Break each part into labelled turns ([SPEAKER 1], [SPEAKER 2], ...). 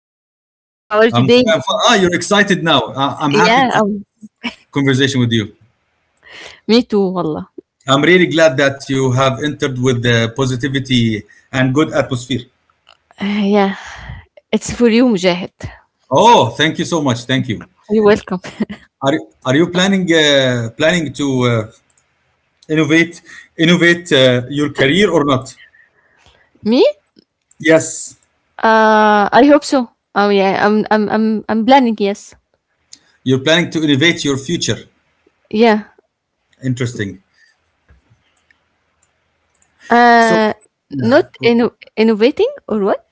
[SPEAKER 1] are you, Mujahid? How are you
[SPEAKER 2] I'm
[SPEAKER 1] today?
[SPEAKER 2] you're excited now. I'm happy to
[SPEAKER 1] Yeah,
[SPEAKER 2] have
[SPEAKER 1] um,
[SPEAKER 2] a conversation with you.
[SPEAKER 1] Me too, والله.
[SPEAKER 2] I'm really glad that you have entered with the positivity and good atmosphere.
[SPEAKER 1] Yeah, it's for you, Mujahid.
[SPEAKER 2] Oh, thank you so much. Thank you.
[SPEAKER 1] You're welcome.
[SPEAKER 2] Are are you planning to uh, innovate innovate your career or not?
[SPEAKER 1] Me?
[SPEAKER 2] Yes,
[SPEAKER 1] I hope so. Oh yeah, I'm planning. Yes.
[SPEAKER 2] you're planning to innovate your future.
[SPEAKER 1] Yeah.
[SPEAKER 2] Interesting. So,
[SPEAKER 1] Uh,
[SPEAKER 2] yeah.
[SPEAKER 1] not inno- Innovating or what?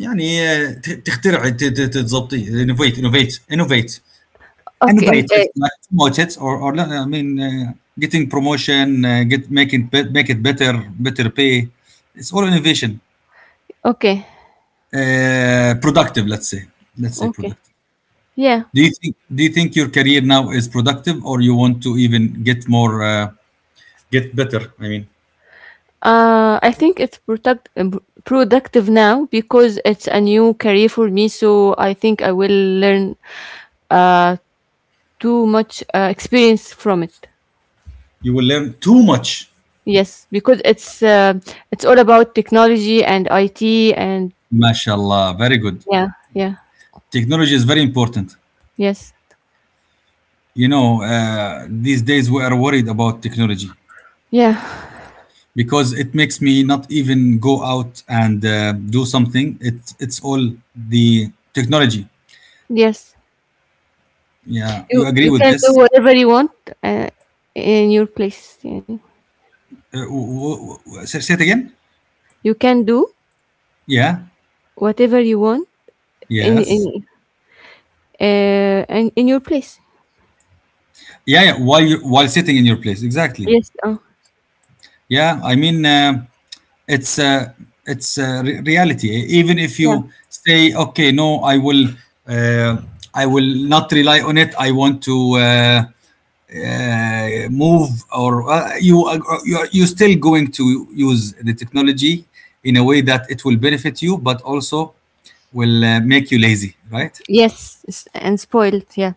[SPEAKER 2] يعني آه، ت- تخترع ت- ت- تتظبطي innovate innovate innovate
[SPEAKER 1] Okay. n-
[SPEAKER 2] innovate it,
[SPEAKER 1] uh,
[SPEAKER 2] like, promote it, or I mean, getting promotion, get make it bet- make it better, better pay, it's all innovation,
[SPEAKER 1] okay.
[SPEAKER 2] productive, let's say.
[SPEAKER 1] Okay.
[SPEAKER 2] Productive.
[SPEAKER 1] Yeah.
[SPEAKER 2] Do you think your career now is productive, or you want to even get more, get better, I mean?
[SPEAKER 1] I think it's productive now because it's a new career for me. So I think I will learn uh too much experience from it.
[SPEAKER 2] You will learn too much.
[SPEAKER 1] Yes, because it's all about technology and IT and
[SPEAKER 2] Mashallah, very good.
[SPEAKER 1] yeah, yeah,
[SPEAKER 2] Technology is very important.
[SPEAKER 1] yes,
[SPEAKER 2] These days we are worried about technology
[SPEAKER 1] yeah,
[SPEAKER 2] because it makes me not even go out and do something. It's all the technology.
[SPEAKER 1] yes.
[SPEAKER 2] Yeah, you
[SPEAKER 1] You
[SPEAKER 2] agree
[SPEAKER 1] you
[SPEAKER 2] with
[SPEAKER 1] can do
[SPEAKER 2] this?
[SPEAKER 1] whatever you want uh, in your place. Yeah.
[SPEAKER 2] Say it again.
[SPEAKER 1] You can do
[SPEAKER 2] Yeah.
[SPEAKER 1] whatever you want in in
[SPEAKER 2] Yes.
[SPEAKER 1] in your place.
[SPEAKER 2] Yeah, yeah. While you— while sitting in your place, exactly.
[SPEAKER 1] Yes, uh,
[SPEAKER 2] Yeah, I mean, it's uh, reality. Even if
[SPEAKER 1] yeah,
[SPEAKER 2] you say, okay, no, I will, uh, I will not rely on it. I want to move, or you still going to use the technology in a way that it will benefit you, but also will make you lazy, right?
[SPEAKER 1] and spoiled. Yeah,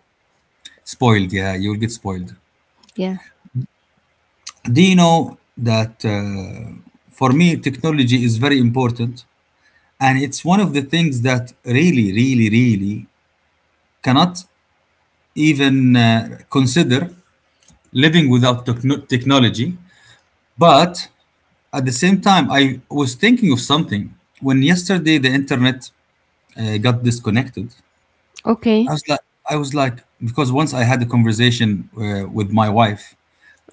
[SPEAKER 2] Spoiled, yeah, you'll get spoiled.
[SPEAKER 1] yeah.
[SPEAKER 2] Do you know that, for me, technology is very important, and it's one of the things that really, really, really cannot even consider living without technology. But at the same time, I was thinking of something when yesterday the internet got disconnected.
[SPEAKER 1] Okay,
[SPEAKER 2] I was like, because once I had a conversation, with my wife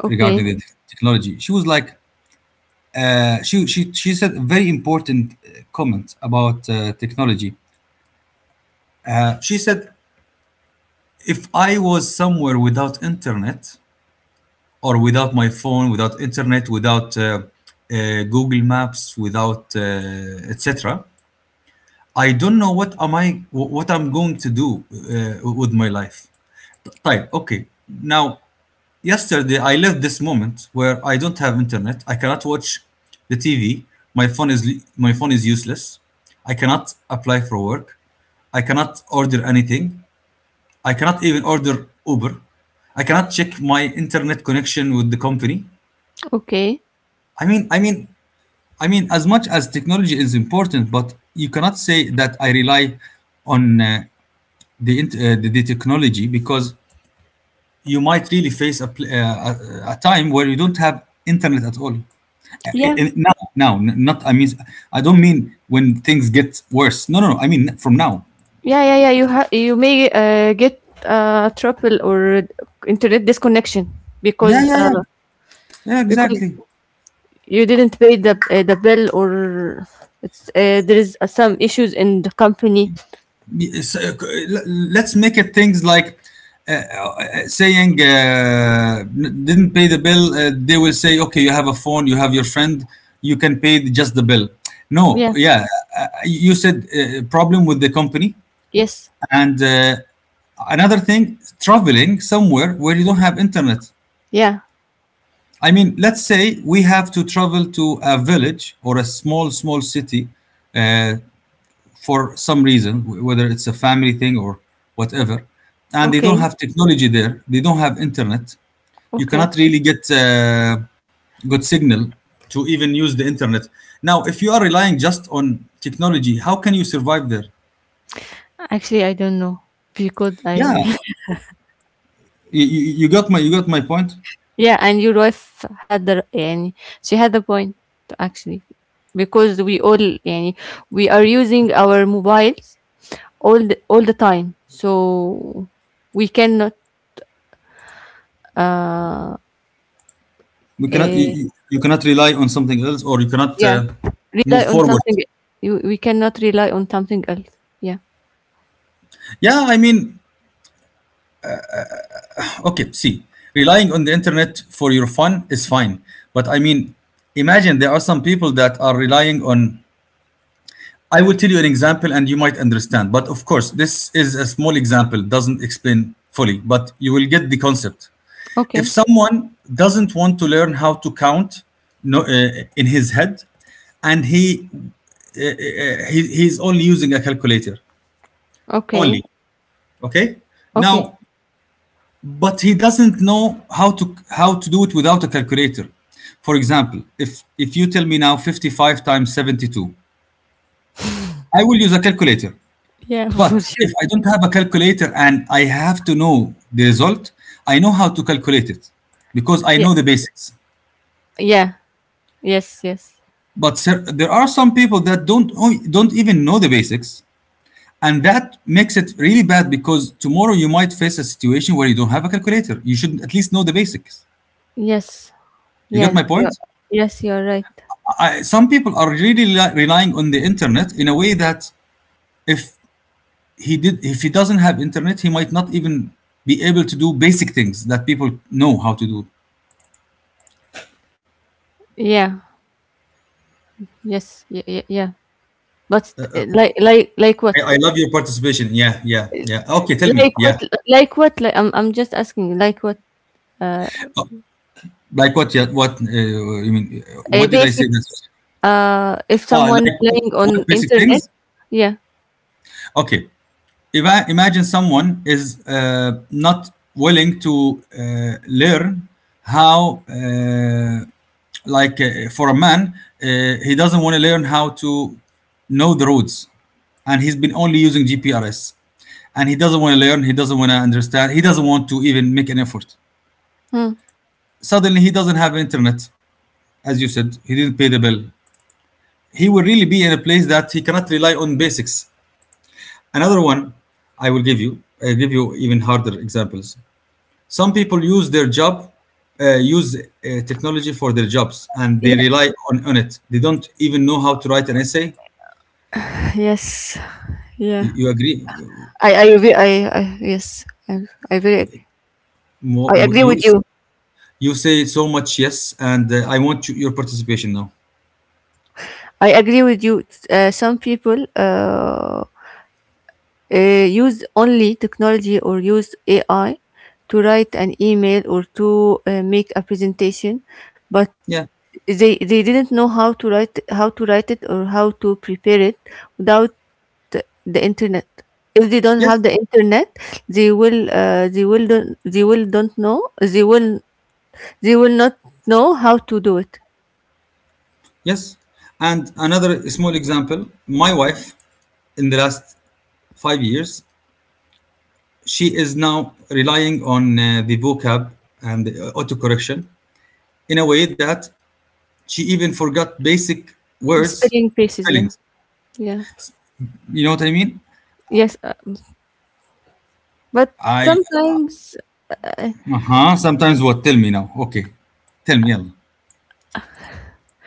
[SPEAKER 1] okay,
[SPEAKER 2] regarding the technology, she was like, she said a very important comment about, technology. She said, if I was somewhere without internet, or without my phone, without internet, without uh, Google Maps, without, etc., I don't know what am I— what I'm going to do with my life. طيب okay. Now, yesterday I left this moment where I don't have internet. I cannot watch the TV. My phone is my phone is useless. I cannot apply for work. I cannot order anything. I cannot even order Uber. I cannot check my internet connection with the company.
[SPEAKER 1] okay.
[SPEAKER 2] I mean, I mean, I mean, as much as technology is important, but you cannot say that I rely on, the, int- the technology, because you might really face a, time where you don't have internet at all.
[SPEAKER 1] Yeah.
[SPEAKER 2] Now, now, n- not I mean, I don't mean when things get worse. No, no, no. I mean from now.
[SPEAKER 1] Yeah, yeah, yeah. You you may get trouble or internet disconnection
[SPEAKER 2] Yeah,
[SPEAKER 1] because
[SPEAKER 2] yeah,
[SPEAKER 1] uh,
[SPEAKER 2] yeah, yeah.
[SPEAKER 1] because
[SPEAKER 2] Exactly.
[SPEAKER 1] you didn't pay the bill, or it's there is some issues in the company.
[SPEAKER 2] So, let's make it things like, saying, didn't pay the bill. They will say, okay, you have a phone, you have your friend, you can pay just the bill. No.
[SPEAKER 1] Yeah.
[SPEAKER 2] Yeah. You said, problem with the company.
[SPEAKER 1] Yes.
[SPEAKER 2] And, another thing, traveling somewhere where you don't have internet.
[SPEAKER 1] Yeah.
[SPEAKER 2] I mean, let's say we have to travel to a village, or a small city, uh, for some reason, whether it's a family thing or whatever, and they don't
[SPEAKER 1] Okay.
[SPEAKER 2] have technology there, they don't have internet. You
[SPEAKER 1] Okay.
[SPEAKER 2] cannot really get good signal to even use the internet. Now, if you are relying just on technology, how can you survive there?
[SPEAKER 1] Actually, I don't know because I
[SPEAKER 2] Yeah, you got my point.
[SPEAKER 1] yeah, and your wife had the and she had the point, actually, because we all يعني, we are using our mobiles all the time. So we cannot uh,
[SPEAKER 2] We cannot you,
[SPEAKER 1] eh,
[SPEAKER 2] you you cannot rely on something else, or you cannot
[SPEAKER 1] yeah, rely
[SPEAKER 2] move
[SPEAKER 1] on
[SPEAKER 2] forward.
[SPEAKER 1] something you we cannot rely on something else. Yeah.
[SPEAKER 2] Yeah, I mean, okay, see, relying on the internet for your fun is fine, but I mean, imagine there are some people that are relying on. I will tell you an example and you might understand. But of course, this is a small example, doesn't explain fully, but you will get the concept. If
[SPEAKER 1] Okay.
[SPEAKER 2] someone doesn't want to learn how to count, no, in his head, and he's only using a calculator, only,
[SPEAKER 1] Okay.
[SPEAKER 2] okay,
[SPEAKER 1] Okay.
[SPEAKER 2] now, but he doesn't know how to do it without a calculator. For example, if you tell me now, 55 times 72, I will use a calculator.
[SPEAKER 1] Yeah, for
[SPEAKER 2] But
[SPEAKER 1] sure.
[SPEAKER 2] if I don't have a calculator and I have to know the result, I know how to calculate it, because I
[SPEAKER 1] Yeah.
[SPEAKER 2] know the basics.
[SPEAKER 1] Yeah. Yes, yes.
[SPEAKER 2] But sir, there are some people that don't even know the basics, and that makes it really bad, because tomorrow you might face a situation where you don't have a calculator. You should at least know the basics.
[SPEAKER 1] Yes.
[SPEAKER 2] You get my
[SPEAKER 1] Yeah.
[SPEAKER 2] point?
[SPEAKER 1] Yes, you're right.
[SPEAKER 2] Some people are really relying on the internet in a way that, if if he doesn't have internet, he might not even be able to do basic things that people know how to do.
[SPEAKER 1] Yeah. Yes. Yeah, yeah, yeah. But like
[SPEAKER 2] I,
[SPEAKER 1] what?
[SPEAKER 2] I love your participation. Yeah, yeah, yeah. Okay, tell me.
[SPEAKER 1] Like
[SPEAKER 2] Yeah.
[SPEAKER 1] what? Like what? Like I'm just asking, like what? Uh
[SPEAKER 2] Uh, like what? Yeah, what? You mean? What did I say? That?
[SPEAKER 1] Basics. If
[SPEAKER 2] Ah,
[SPEAKER 1] someone
[SPEAKER 2] like
[SPEAKER 1] relying on
[SPEAKER 2] what basic
[SPEAKER 1] internet,
[SPEAKER 2] things?
[SPEAKER 1] yeah,
[SPEAKER 2] Okay. If I imagine someone is, not willing to, learn, how, uh, like, for a man, uh, he doesn't want to learn how to know the roads, and he's been only using GPRS, and he doesn't want to learn. He doesn't want to understand. He doesn't want to even make an effort.
[SPEAKER 1] hmm,
[SPEAKER 2] Suddenly he doesn't have internet, as you said, he didn't pay the bill. He will really be in a place that he cannot rely on basics. Another one. i will give you I give you even harder examples. Some people use their job, use technology for their jobs, and they
[SPEAKER 1] yeah,
[SPEAKER 2] rely on it, they don't even know how to write an essay.
[SPEAKER 1] yes,
[SPEAKER 2] you,
[SPEAKER 1] yeah.
[SPEAKER 2] you agree?
[SPEAKER 1] I, agree- I yes, I very, agree. I
[SPEAKER 2] Mo-
[SPEAKER 1] agree
[SPEAKER 2] you,
[SPEAKER 1] with you.
[SPEAKER 2] you say so much yes, and I want your participation now.
[SPEAKER 1] I agree with you. Some people use only technology or use AI to write an email or to make a presentation, but
[SPEAKER 2] Yeah.
[SPEAKER 1] they didn't know how to write it or how to prepare it without the internet. If they don't have
[SPEAKER 2] Yes,
[SPEAKER 1] the internet, they will don't know they will not know how to do it.
[SPEAKER 2] yes. And another small example. My wife, in the last 5 years— she is now relying on the vocab and the autocorrection in a way that she even forgot basic words,
[SPEAKER 1] Spelling pieces, yeah,
[SPEAKER 2] spellings.
[SPEAKER 1] yeah,
[SPEAKER 2] You know what I mean?
[SPEAKER 1] yes, but
[SPEAKER 2] I
[SPEAKER 1] sometimes, uh,
[SPEAKER 2] Uh huh. Sometimes what? Tell me now. Okay, tell me. يلا.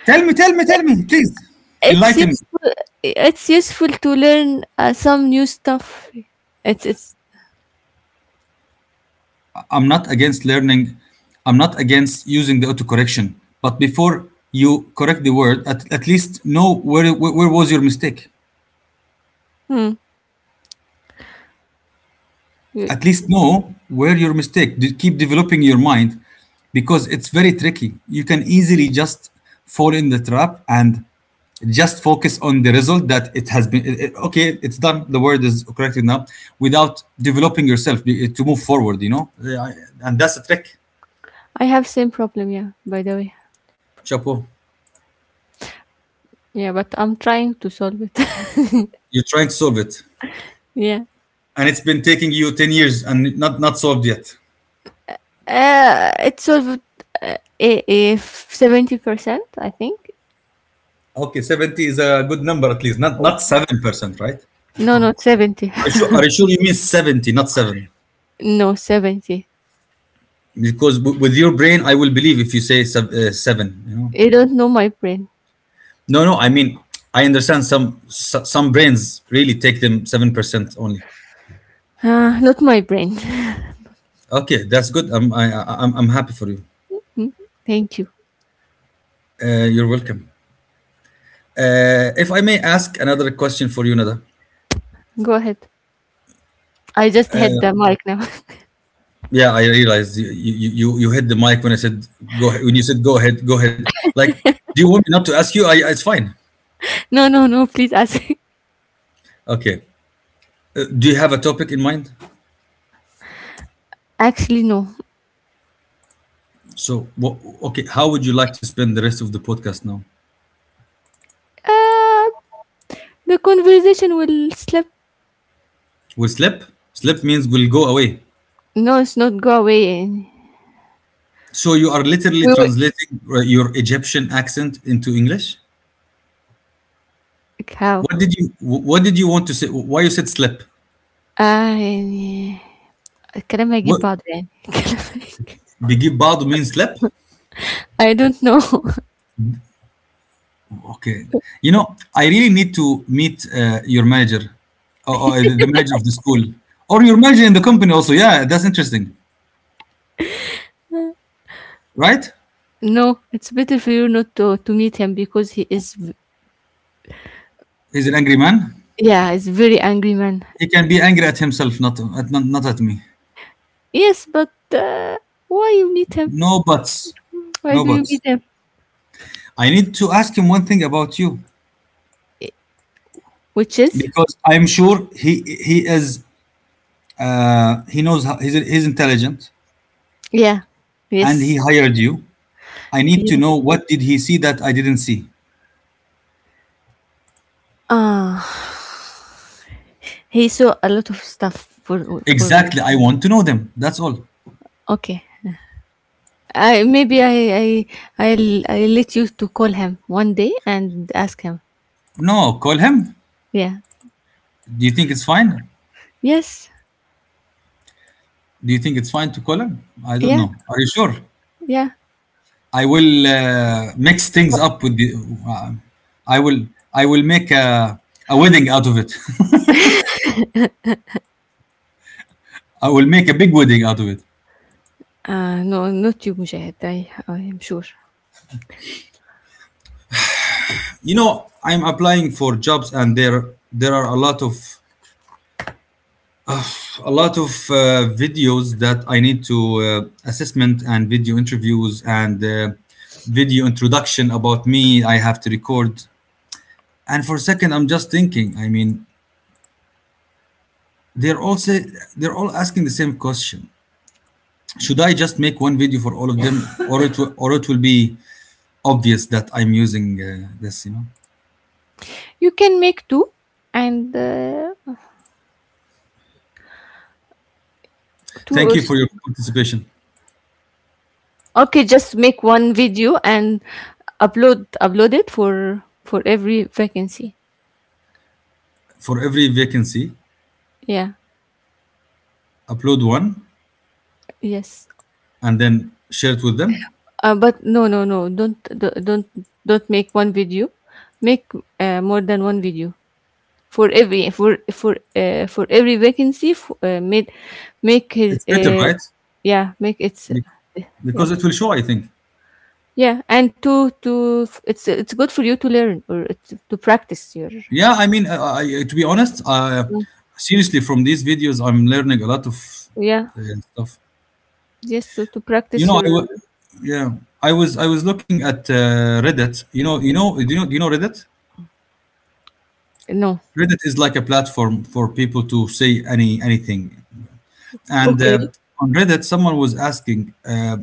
[SPEAKER 2] Tell me, tell me, tell me, please.
[SPEAKER 1] it's
[SPEAKER 2] Enlighten me.
[SPEAKER 1] useful. It's useful to learn some new stuff. It's
[SPEAKER 2] I'm not against learning. I'm not against using the autocorrection. But before you correct the word, at least know where, where was your mistake.
[SPEAKER 1] Hmm.
[SPEAKER 2] At least know where your mistake. Keep developing your mind, because it's very tricky. You can easily just fall in the trap, and just focus on the result that it has been, okay, it's done, the word is corrected now, without developing yourself, to move forward, yeah. And that's a trick.
[SPEAKER 1] I have same problem, yeah, by the way.
[SPEAKER 2] Chapo.
[SPEAKER 1] Yeah, but I'm trying to solve it.
[SPEAKER 2] You're trying to solve it,
[SPEAKER 1] Yeah.
[SPEAKER 2] and it's been taking you 10 years and not solved yet.
[SPEAKER 1] It solved, if 70%, I think.
[SPEAKER 2] Okay, 70 is a good number, at least not 7%, right?
[SPEAKER 1] No, not 70.
[SPEAKER 2] Are you sure you mean 70, not 7?
[SPEAKER 1] No, 70.
[SPEAKER 2] Because with your brain, I will believe if you say seven.
[SPEAKER 1] You don't know my brain.
[SPEAKER 2] No, no, I mean, I understand some, some brains really take them 7% only.
[SPEAKER 1] Ah, not my brain.
[SPEAKER 2] Okay, that's good. I'm I, I- I'm, I'm happy for you.
[SPEAKER 1] Thank you.
[SPEAKER 2] You're welcome. If I may ask another question for you, Nada?
[SPEAKER 1] Go ahead. I just had the mic now.
[SPEAKER 2] Yeah, I realized you hit the mic when I said "go ahead," when you said "go ahead, like, do you want me not to ask you?" It's fine.
[SPEAKER 1] No, no, no, please ask.
[SPEAKER 2] Okay. Do you have a topic in mind?
[SPEAKER 1] Actually, no.
[SPEAKER 2] So wha Okay, how would you like to spend the rest of the podcast now?
[SPEAKER 1] Uh, the conversation will slip.
[SPEAKER 2] Will slip? Slip means will go away.
[SPEAKER 1] No, it's not go away. يعني.
[SPEAKER 2] So you are literally
[SPEAKER 1] We will...
[SPEAKER 2] translating your Egyptian accent into English.
[SPEAKER 1] How?
[SPEAKER 2] What did you What did you want to say? Why you said slip?
[SPEAKER 1] آه يعني الكلام هيجيب
[SPEAKER 2] What
[SPEAKER 1] بعضه يعني الكلام هيجيب-
[SPEAKER 2] بيجيب بعضه means slip?
[SPEAKER 1] I don't know.
[SPEAKER 2] Okay. I really need to meet your manager, or the manager of the school, or your manager in the company. Also, yeah, that's interesting, right?
[SPEAKER 1] No, it's better for you not to, to meet him because he is,
[SPEAKER 2] He's an angry man.
[SPEAKER 1] yeah, he's very angry man.
[SPEAKER 2] He can be angry at himself, not at me.
[SPEAKER 1] Yes, but why you meet him?
[SPEAKER 2] No buts,
[SPEAKER 1] Why
[SPEAKER 2] no
[SPEAKER 1] do you
[SPEAKER 2] buts.
[SPEAKER 1] meet him?
[SPEAKER 2] I need to ask him one thing about you,
[SPEAKER 1] I- Which,
[SPEAKER 2] because I'm sure he knows how, he's intelligent,
[SPEAKER 1] yeah,
[SPEAKER 2] and
[SPEAKER 1] yes,
[SPEAKER 2] he hired you. I need to know
[SPEAKER 1] yes.
[SPEAKER 2] what did he see that I didn't see.
[SPEAKER 1] Ah, he saw a lot of stuff for me.
[SPEAKER 2] Exactly, I want to know them. That's all.
[SPEAKER 1] Okay, I maybe I I'll let you to call him one day and ask him.
[SPEAKER 2] No, call him.
[SPEAKER 1] Yeah.
[SPEAKER 2] Do you think it's fine?
[SPEAKER 1] Yes.
[SPEAKER 2] Do you think it's fine to call him? I don't
[SPEAKER 1] Yeah.
[SPEAKER 2] know. Are you sure?
[SPEAKER 1] Yeah.
[SPEAKER 2] I will mix things up with the. Uh, I will I will make a wedding out of it. I will make a big wedding out of it.
[SPEAKER 1] No, not you, Mujahid. I am sure.
[SPEAKER 2] You know, I'm applying for jobs, and there are a lot of videos that I need to, assessment and video interviews, and video introduction about me I have to record. And for a second I'm just thinking, I mean, they're all say, they're all asking the same question, should I just make one video for all of them, or it will be obvious that I'm using this, you know.
[SPEAKER 1] You can make two and two
[SPEAKER 2] Thank
[SPEAKER 1] or
[SPEAKER 2] you
[SPEAKER 1] s-
[SPEAKER 2] for your participation.
[SPEAKER 1] okay, just make one video and upload it for every vacancy.
[SPEAKER 2] For every vacancy,
[SPEAKER 1] Yeah.
[SPEAKER 2] upload one
[SPEAKER 1] Yes.
[SPEAKER 2] and then share it with them.
[SPEAKER 1] But no, no, no. Don't make one video. Make more than one video for every vacancy. F- made Make his
[SPEAKER 2] It's better, right?
[SPEAKER 1] yeah make it's
[SPEAKER 2] Bec- because
[SPEAKER 1] yes,
[SPEAKER 2] it will show, I think.
[SPEAKER 1] yeah, and it's good for you to learn, or it's to practice your
[SPEAKER 2] Yeah, I mean, I, to be honest,
[SPEAKER 1] آه،
[SPEAKER 2] seriously, from these videos, I'm learning a lot of
[SPEAKER 1] yeah,
[SPEAKER 2] uh, stuff.
[SPEAKER 1] just to
[SPEAKER 2] You
[SPEAKER 1] practice
[SPEAKER 2] know,
[SPEAKER 1] your
[SPEAKER 2] yeah, I was looking at Reddit. Do you know Reddit?
[SPEAKER 1] no.
[SPEAKER 2] Reddit is like a platform for people to say anything. And
[SPEAKER 1] Okay.
[SPEAKER 2] on Reddit, someone was asking,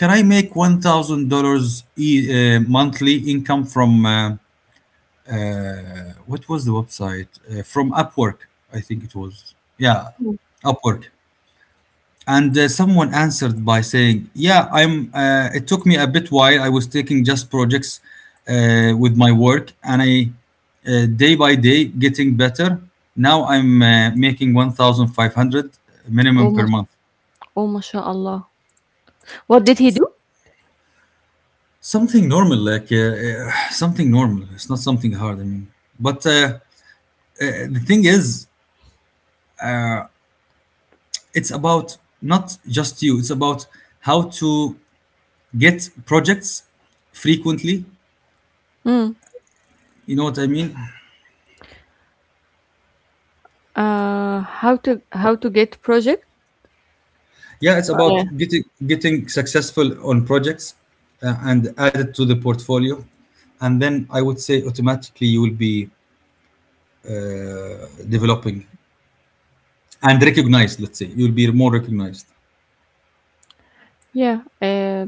[SPEAKER 2] "Can I make $1,000 monthly income from?" What was the website, from Upwork? I think it was. Yeah, Upwork. And someone answered by saying, "Yeah, I'm. It took me a bit while. I was taking just projects, with my work, and I, day by day getting better. Now I'm making 1,500
[SPEAKER 1] Oh
[SPEAKER 2] minimum per
[SPEAKER 1] mash,
[SPEAKER 2] month.
[SPEAKER 1] oh mashallah. What did he do?
[SPEAKER 2] Something normal, like, something normal. It's not something hard. I mean, but, the thing is." It's about not just you, it's about how to get projects frequently,
[SPEAKER 1] Mm.
[SPEAKER 2] you know what I mean?
[SPEAKER 1] How to get project?
[SPEAKER 2] Yeah, it's
[SPEAKER 1] Yeah.
[SPEAKER 2] about getting successful on projects, and add it to the portfolio. And then I would say automatically you will be, developing and recognized, let's say you'll be more recognized.
[SPEAKER 1] Yeah.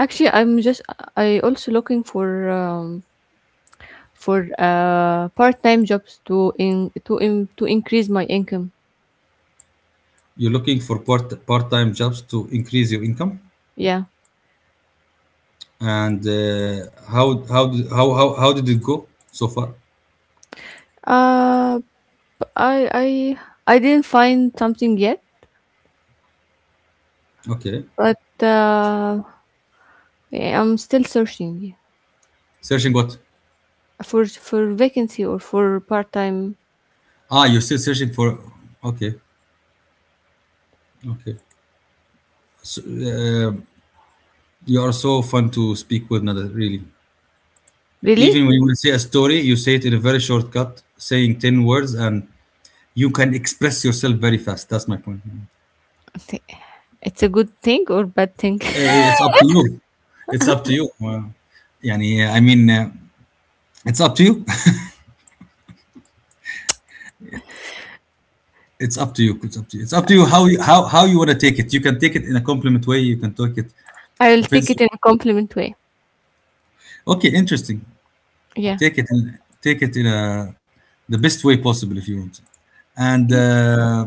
[SPEAKER 1] Actually, I'm just I also looking for part time jobs to increase my income.
[SPEAKER 2] You're looking for part-time jobs to increase your income.
[SPEAKER 1] Yeah.
[SPEAKER 2] And, how how did it go so far?
[SPEAKER 1] Uh, b- I I I didn't find something yet,
[SPEAKER 2] Okay.
[SPEAKER 1] but uh, yeah, I'm still searching.
[SPEAKER 2] Searching what?
[SPEAKER 1] For vacancy or for part time.
[SPEAKER 2] Ah, you're still searching for. Okay, okay. Uh, you are so fun to speak with, Nada, really.
[SPEAKER 1] Really,
[SPEAKER 2] Even when you will say a story, you say it in a very short cut, saying 10 words, and you can express yourself very fast. That's my point.
[SPEAKER 1] it's a good thing or bad thing?
[SPEAKER 2] Eh, it's up to you. It's up to you. Well, yani, يعني, I mean, it's up to you. It's up to you. It's up to you. It's up to you how how you want to take it. You can take it in a compliment way, you can take it
[SPEAKER 1] I'll take it
[SPEAKER 2] offensive.
[SPEAKER 1] in a compliment way.
[SPEAKER 2] Okay, interesting.
[SPEAKER 1] Yeah.
[SPEAKER 2] Take it in the best way possible if you want. And
[SPEAKER 1] Yes.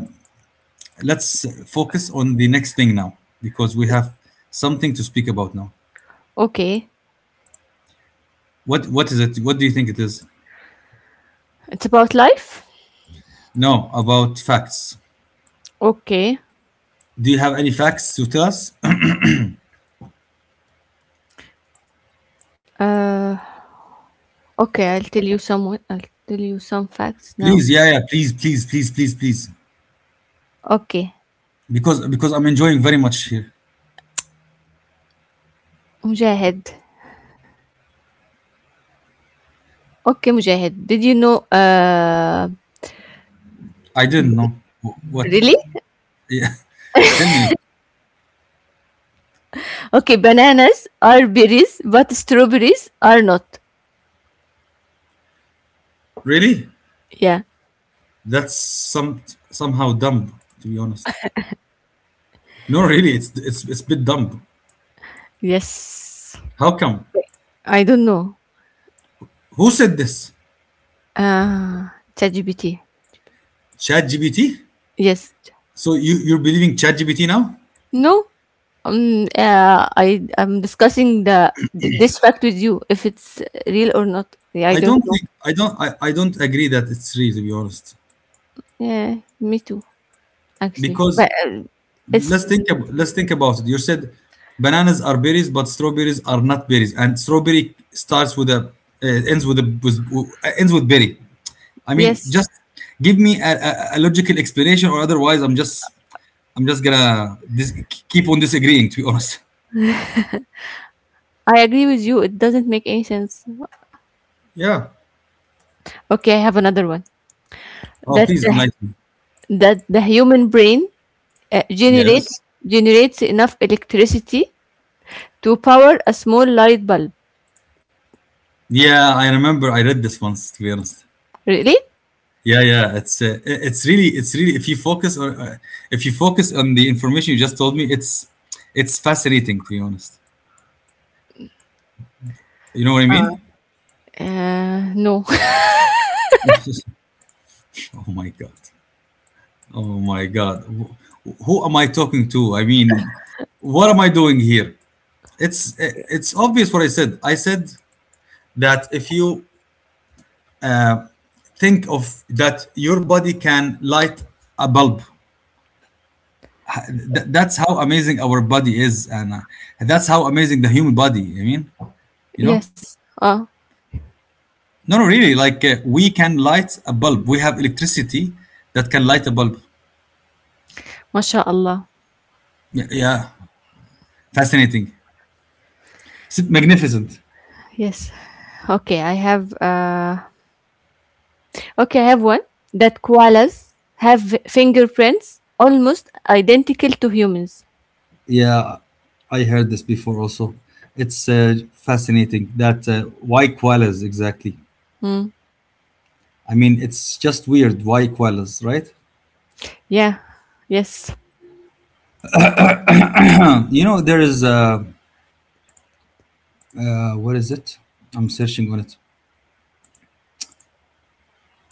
[SPEAKER 2] let's focus on the next thing now, because we have something to speak about now.
[SPEAKER 1] Okay.
[SPEAKER 2] What is it? What do you think it is?
[SPEAKER 1] It's about life.
[SPEAKER 2] No, about facts.
[SPEAKER 1] Okay.
[SPEAKER 2] Do you have any facts to tell us?
[SPEAKER 1] Uh. Okay. I'll tell you some facts
[SPEAKER 2] Please,
[SPEAKER 1] now.
[SPEAKER 2] yeah, yeah, please, please, please, please, please.
[SPEAKER 1] Okay.
[SPEAKER 2] Because I'm enjoying very much here.
[SPEAKER 1] Mujahid. Okay, Mujahid. Did you know?
[SPEAKER 2] I didn't know. What.
[SPEAKER 1] Really?
[SPEAKER 2] Yeah, tell me.
[SPEAKER 1] Okay. Bananas are berries, but strawberries are not.
[SPEAKER 2] Really?
[SPEAKER 1] Yeah.
[SPEAKER 2] That's somehow dumb, to be honest. No, really, it's a bit dumb.
[SPEAKER 1] Yes.
[SPEAKER 2] How come?
[SPEAKER 1] I don't know.
[SPEAKER 2] Who said this?
[SPEAKER 1] Uh, ChatGPT.
[SPEAKER 2] ChatGPT?
[SPEAKER 1] Yes.
[SPEAKER 2] So you're believing ChatGPT now?
[SPEAKER 1] No. I'm discussing this fact with you if it's real or not. Yeah, I
[SPEAKER 2] I
[SPEAKER 1] don't
[SPEAKER 2] don't
[SPEAKER 1] know.
[SPEAKER 2] think I don't agree that it's real, to be honest.
[SPEAKER 1] Yeah, me too. Actually,
[SPEAKER 2] Because
[SPEAKER 1] but it's
[SPEAKER 2] let's think about it. You said bananas are berries, but strawberries are not berries, and strawberry starts with a, ends with a with, ends with berry. I mean,
[SPEAKER 1] yes.
[SPEAKER 2] just give me a logical explanation, or otherwise, I'm just gonna keep on disagreeing, to be honest.
[SPEAKER 1] I agree with you. It doesn't make any sense.
[SPEAKER 2] Yeah.
[SPEAKER 1] Okay, I have another one.
[SPEAKER 2] Oh,
[SPEAKER 1] That
[SPEAKER 2] please
[SPEAKER 1] the
[SPEAKER 2] enlighten me.
[SPEAKER 1] that the human brain uh, generates
[SPEAKER 2] Yes.
[SPEAKER 1] generates enough electricity to power a small light bulb.
[SPEAKER 2] Yeah, I remember I read this once, to be honest.
[SPEAKER 1] Really?
[SPEAKER 2] Yeah, yeah, it's really, if you focus on, the information you just told me, it's fascinating, to be honest. You know what I mean?
[SPEAKER 1] No.
[SPEAKER 2] That's just- oh my god, oh my god, who am I talking to? I mean, what am I doing here? It's obvious what I said. I said that if you, uh, think of that your body can light a bulb. That's how amazing our body is, and, that's how amazing the human body. I mean, you know,
[SPEAKER 1] Yes. Uh,
[SPEAKER 2] no, no, really. Like, we can light a bulb. We have electricity that can light a bulb.
[SPEAKER 1] mashaAllah.
[SPEAKER 2] Yeah, yeah. Fascinating. Magnificent.
[SPEAKER 1] Yes. Okay, I have uh okay, I have one: that koalas have fingerprints almost identical to humans.
[SPEAKER 2] Yeah, I heard this before. Also, it's, fascinating that, why koalas exactly.
[SPEAKER 1] Hmm.
[SPEAKER 2] I mean, it's just weird why koalas, right?
[SPEAKER 1] Yeah. Yes.
[SPEAKER 2] You know, there is, what is it? I'm searching on it.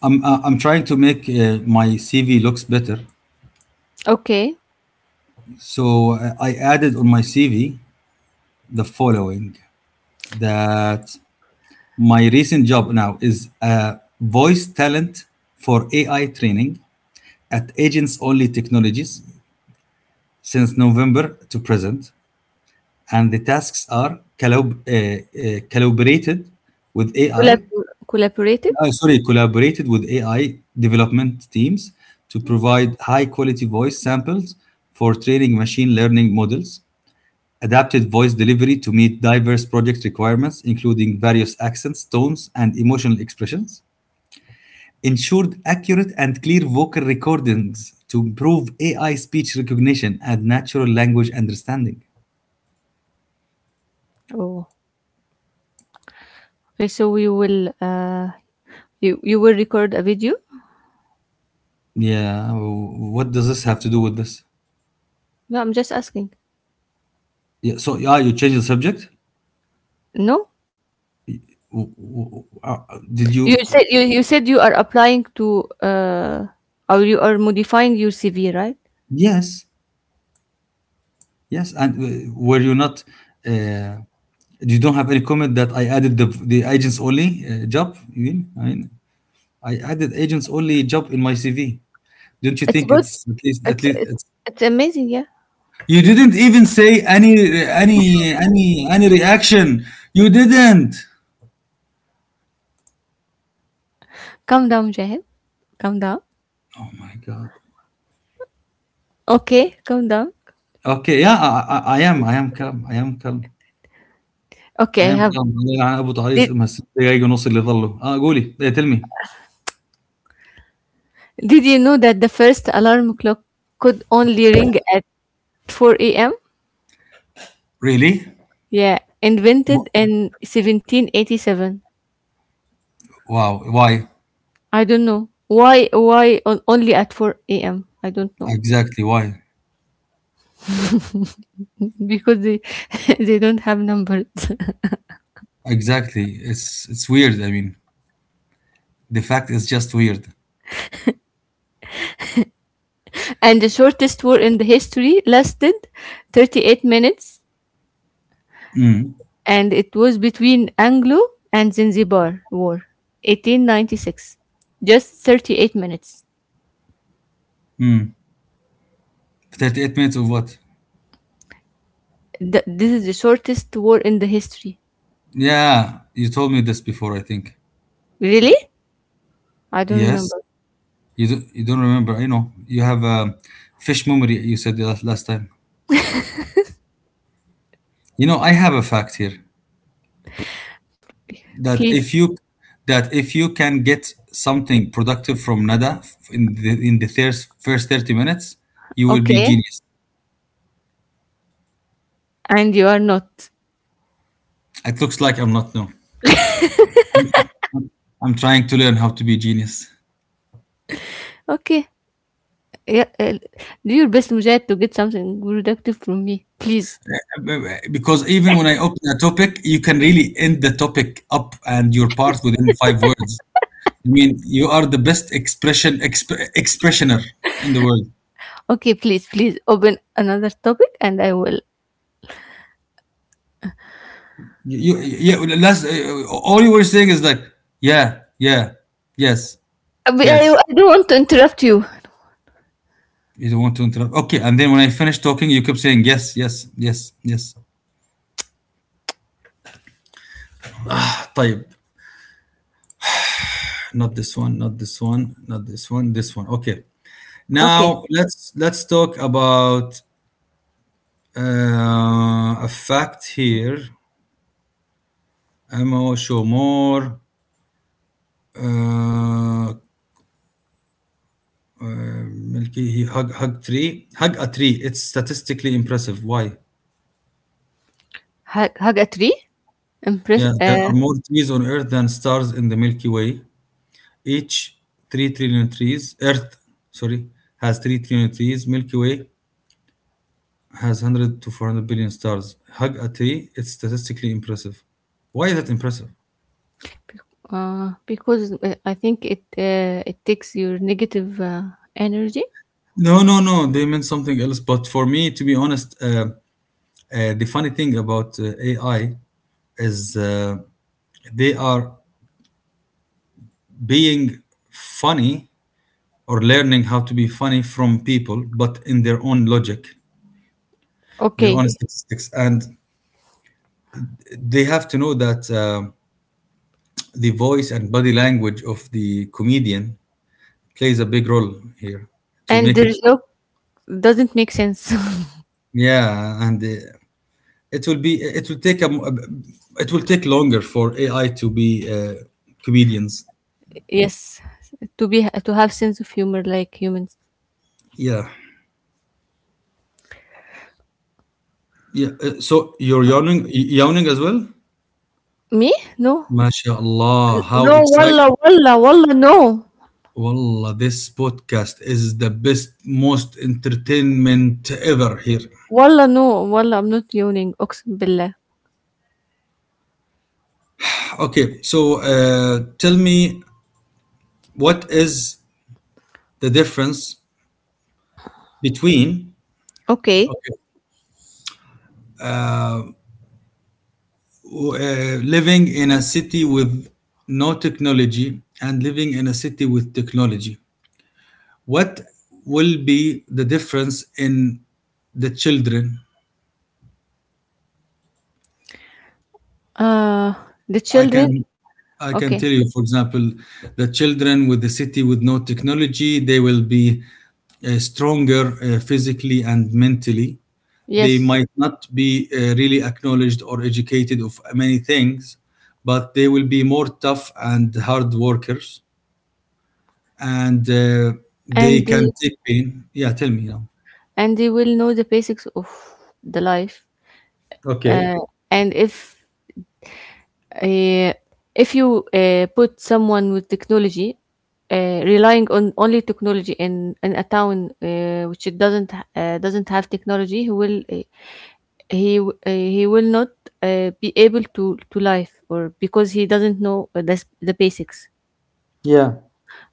[SPEAKER 2] I'm trying to make, my CV looks better.
[SPEAKER 1] Okay.
[SPEAKER 2] So, I added on my CV the following: that my recent job now is a voice talent for AI training at Agents Only Technologies since November to present, and the tasks are calibrated with AI.
[SPEAKER 1] Collab- collaborated.
[SPEAKER 2] Sorry, collaborated with AI development teams to provide high quality voice samples for training machine learning models, adapted voice delivery to meet diverse project requirements, including various accents, tones, and emotional expressions, ensured accurate and clear vocal recordings to improve AI speech recognition and natural language understanding.
[SPEAKER 1] Oh. Okay, so we will you you will record a video?
[SPEAKER 2] Yeah, what does this have to do with this?
[SPEAKER 1] No, I'm just asking.
[SPEAKER 2] Yeah, so yeah, you change the subject.
[SPEAKER 1] No?
[SPEAKER 2] Did you?
[SPEAKER 1] You said you said you are applying to or you are modifying your CV, right?
[SPEAKER 2] Yes. Yes, and, were you not? Uh, you don't have any comment that I added the agents only, job. You mean? I mean, I added agents only job in my CV. Don't you
[SPEAKER 1] It's
[SPEAKER 2] think
[SPEAKER 1] good.
[SPEAKER 2] it's at least,
[SPEAKER 1] It's it's, it's amazing, yeah.
[SPEAKER 2] you didn't even say any reaction. You didn't.
[SPEAKER 1] Calm down, Jahan. Calm down.
[SPEAKER 2] Oh my god.
[SPEAKER 1] Okay, calm down.
[SPEAKER 2] Okay, yeah, I am calm. I am calm. I
[SPEAKER 1] Okay, I
[SPEAKER 2] am
[SPEAKER 1] have.
[SPEAKER 2] calm. الله يلعن ابو تعيس
[SPEAKER 1] Did
[SPEAKER 2] امها الست دقايق ونص اللي ظلوا اه قولي. Hey, tell me.
[SPEAKER 1] Did you know that the first alarm clock could only ring at 4 a.m.?
[SPEAKER 2] Really?
[SPEAKER 1] Yeah,
[SPEAKER 2] Wh-
[SPEAKER 1] invented in 1787.
[SPEAKER 2] wow, why?
[SPEAKER 1] I don't know why. Why on, only at 4 a.m. I don't know.
[SPEAKER 2] Exactly, why?
[SPEAKER 1] Because they they don't have numbers.
[SPEAKER 2] Exactly. It's weird. I mean, the fact is just weird.
[SPEAKER 1] And the shortest war in the history lasted 38 minutes, and it was between Anglo and Zanzibar War, 1896. Just 38 minutes.
[SPEAKER 2] 38 minutes of what?
[SPEAKER 1] Th- this is the shortest war in the history.
[SPEAKER 2] Yeah, you told me this before, I think.
[SPEAKER 1] Really? I don't
[SPEAKER 2] Yes.
[SPEAKER 1] remember.
[SPEAKER 2] You don't remember. I know. You have a fish memory, you said the last time. You know, I have a fact here that,
[SPEAKER 1] Please.
[SPEAKER 2] if you that if you can get something productive from Nada in the first 30 minutes, you will be
[SPEAKER 1] Okay.
[SPEAKER 2] genius.
[SPEAKER 1] And you are not.
[SPEAKER 2] It looks like I'm not, no. I'm, I'm I'm trying to learn how to be genius.
[SPEAKER 1] Okay. Yeah, do your best, Mujahid, to get something productive from me. Please.
[SPEAKER 2] Because even when I open a topic, you can really end the topic up and your part within five words. I mean, you are the best expressioner in the world.
[SPEAKER 1] Okay, please, please open another topic and I will.
[SPEAKER 2] You Yeah. Last, all you were saying is like, yeah, yeah, yes, yes.
[SPEAKER 1] I don't want to interrupt you.
[SPEAKER 2] You don't want to interrupt. Okay, and then when I finished talking, you kept saying yes, yes, yes, yes. طيب. Not this one, not this one, not this one, this one, okay.
[SPEAKER 1] Okay.
[SPEAKER 2] Now let's talk about. A fact here, Amo Shomor, uh, Milky, he hug, hug tree, hug a tree. It's statistically impressive. Why?
[SPEAKER 1] Ha- Haga 3. Impress.
[SPEAKER 2] Yeah, there are
[SPEAKER 1] Uh,
[SPEAKER 2] more trees on Earth than stars in the Milky Way. Each 3 trillion trees. Earth, sorry, has 3 trillion trees. Milky Way has 100 to 400 billion stars. Hug a tree, it's statistically impressive. Why is it impressive?
[SPEAKER 1] uh, because uh, I think it takes your negative energy.
[SPEAKER 2] No, no, no. They meant something else. But for me, to be honest, the funny thing about, AI is, they are being funny or learning how to be funny from people, but in their own logic, their own
[SPEAKER 1] Okay,
[SPEAKER 2] statistics. And they have to know that, the voice and body language of the comedian plays a big role here to
[SPEAKER 1] and
[SPEAKER 2] make it.
[SPEAKER 1] there's no doesn't make sense.
[SPEAKER 2] Yeah, and, it will be it will take a, m- a- it will take longer for AI to be, comedians.
[SPEAKER 1] Yes, to be to have sense of humor like humans.
[SPEAKER 2] Yeah. Yeah. So you're yawning, yawning as well?
[SPEAKER 1] Me? No,
[SPEAKER 2] MashaAllah, how
[SPEAKER 1] no. Wallah,
[SPEAKER 2] exciting.
[SPEAKER 1] wallah, wallah. No,
[SPEAKER 2] Wallah, this podcast is the best, most entertainment ever here.
[SPEAKER 1] wallah, no, wallah. I'm not yawning. Oxen billah.
[SPEAKER 2] Okay, so, tell me, what is the difference between,
[SPEAKER 1] Okay.
[SPEAKER 2] okay, living in a city with no technology and living in a city with technology? What will be the difference in the children?
[SPEAKER 1] Uh, the
[SPEAKER 2] I
[SPEAKER 1] children.
[SPEAKER 2] can I can
[SPEAKER 1] Okay.
[SPEAKER 2] tell you, for example, the children with the city with no technology, they will be, stronger, physically and mentally. They
[SPEAKER 1] Yes,
[SPEAKER 2] might not be, really acknowledged or educated of many things, but they will be more tough and hard workers, and, they
[SPEAKER 1] and
[SPEAKER 2] can
[SPEAKER 1] the
[SPEAKER 2] take pain. Yeah, tell me now.
[SPEAKER 1] and they will know the basics of the life.
[SPEAKER 2] Okay.
[SPEAKER 1] Uh, and Uh, if you put someone with technology, relying on only technology in a town which it doesn't ha- doesn't have technology, he will not be able to life or because he doesn't know the basics.
[SPEAKER 2] Yeah.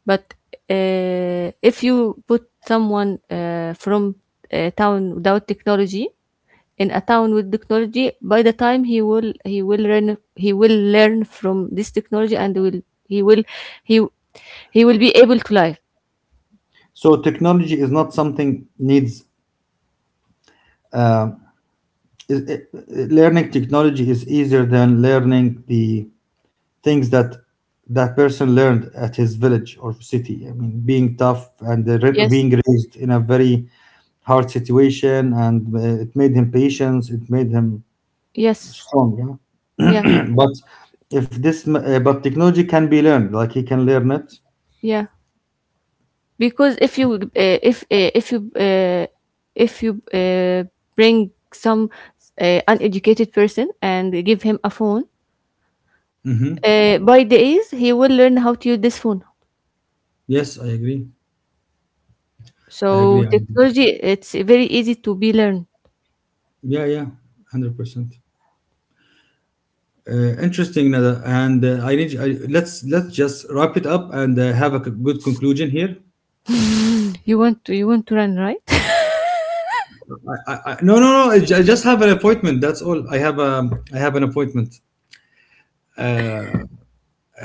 [SPEAKER 1] But if you put someone from a town without technology, in a town with technology, by the time he will learn. He will learn from this technology and will he will he he will be able to live,
[SPEAKER 2] So technology is not something needs, uh, learning technology is easier than learning the things that that person learned at his village or city. I mean, being tough and
[SPEAKER 1] yes,
[SPEAKER 2] being raised in a very hard situation, and, it made him patient. It made him
[SPEAKER 1] yes,
[SPEAKER 2] strong.
[SPEAKER 1] yeah,
[SPEAKER 2] Yeah? but if this, m- but technology can be learned. Like he can learn it.
[SPEAKER 1] yeah, because if you if you if you bring some uneducated person and give him a phone,
[SPEAKER 2] Hmm.
[SPEAKER 1] by days he will learn how to use this phone,
[SPEAKER 2] Yes, I agree.
[SPEAKER 1] so
[SPEAKER 2] I agree. I agree.
[SPEAKER 1] technology it's very easy to be learned.
[SPEAKER 2] Yeah, yeah, 100%. Interesting, Nada. And, let's just wrap it up and, have a good conclusion here.
[SPEAKER 1] You want to, you want to run, right?
[SPEAKER 2] No, no, no. I just have an appointment. That's all. I have an appointment. Uh,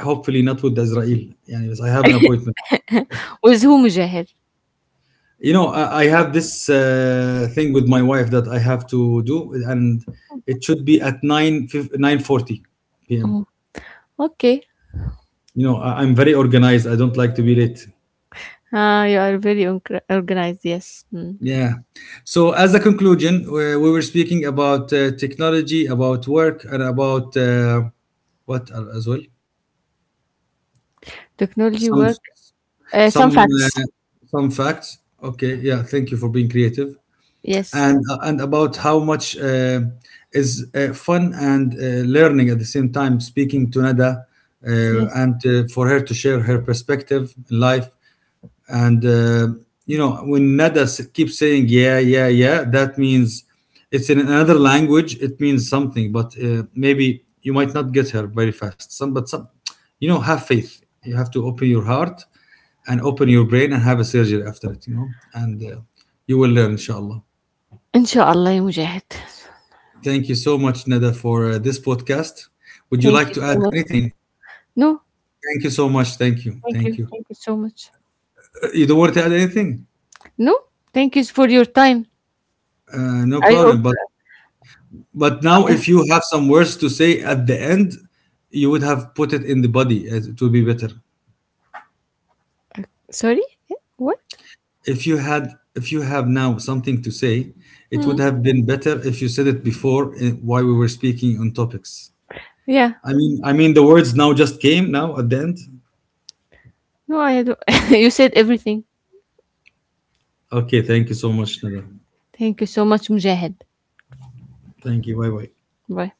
[SPEAKER 2] Hopefully not with Israel. يعني بس, I have an appointment.
[SPEAKER 1] With whom, Jahir?
[SPEAKER 2] You know, I have this, thing with my wife that I have to do, and it should be at nine nine forty p.m.
[SPEAKER 1] Okay.
[SPEAKER 2] You know, I'm very organized. I don't like to be late.
[SPEAKER 1] You are very organized. Yes. Mm.
[SPEAKER 2] Yeah. So, as a conclusion, we were speaking about, technology, about work, and about, as well?
[SPEAKER 1] Technology
[SPEAKER 2] Some,
[SPEAKER 1] work. Some
[SPEAKER 2] some,
[SPEAKER 1] facts.
[SPEAKER 2] some facts. Okay. Yeah. Thank you for being creative,
[SPEAKER 1] Yes.
[SPEAKER 2] and about how much, is fun and, learning at the same time. Speaking to Nada,
[SPEAKER 1] Yes.
[SPEAKER 2] and for her to share her perspective in life, and, you know, when Nada keeps saying yeah, yeah, yeah, that means it's in another language, it means something, but, maybe you might not get her very fast, some. You know, have faith. You have to open your heart and open your brain and have a surgery after it, you know. And, you will learn, inshallah.
[SPEAKER 1] Inshallah, ya Mujahid.
[SPEAKER 2] Thank you so much, Nada, for, this podcast. Would you
[SPEAKER 1] Thank
[SPEAKER 2] like
[SPEAKER 1] you
[SPEAKER 2] to add
[SPEAKER 1] so much.
[SPEAKER 2] anything?
[SPEAKER 1] No,
[SPEAKER 2] Thank you so much. Thank you,
[SPEAKER 1] thank
[SPEAKER 2] thank
[SPEAKER 1] you.
[SPEAKER 2] you.
[SPEAKER 1] Thank you so much.
[SPEAKER 2] You don't want to add anything?
[SPEAKER 1] No, thank you for your time.
[SPEAKER 2] No
[SPEAKER 1] I hope.
[SPEAKER 2] problem. But now,
[SPEAKER 1] I-
[SPEAKER 2] if you have some words to say at the end, you would have put it in the body, as it would be better.
[SPEAKER 1] Sorry? Eh, what?
[SPEAKER 2] If if you have now something to say, it would have
[SPEAKER 1] Mm.
[SPEAKER 2] been better if you said it before, eh, while we were speaking on topics.
[SPEAKER 1] Yeah.
[SPEAKER 2] I mean, the words now just came now at the end.
[SPEAKER 1] No, I don't. You said everything.
[SPEAKER 2] Okay, thank you so much, Nada.
[SPEAKER 1] Thank you so much, Mujahid.
[SPEAKER 2] Thank you. Bye bye.
[SPEAKER 1] Bye.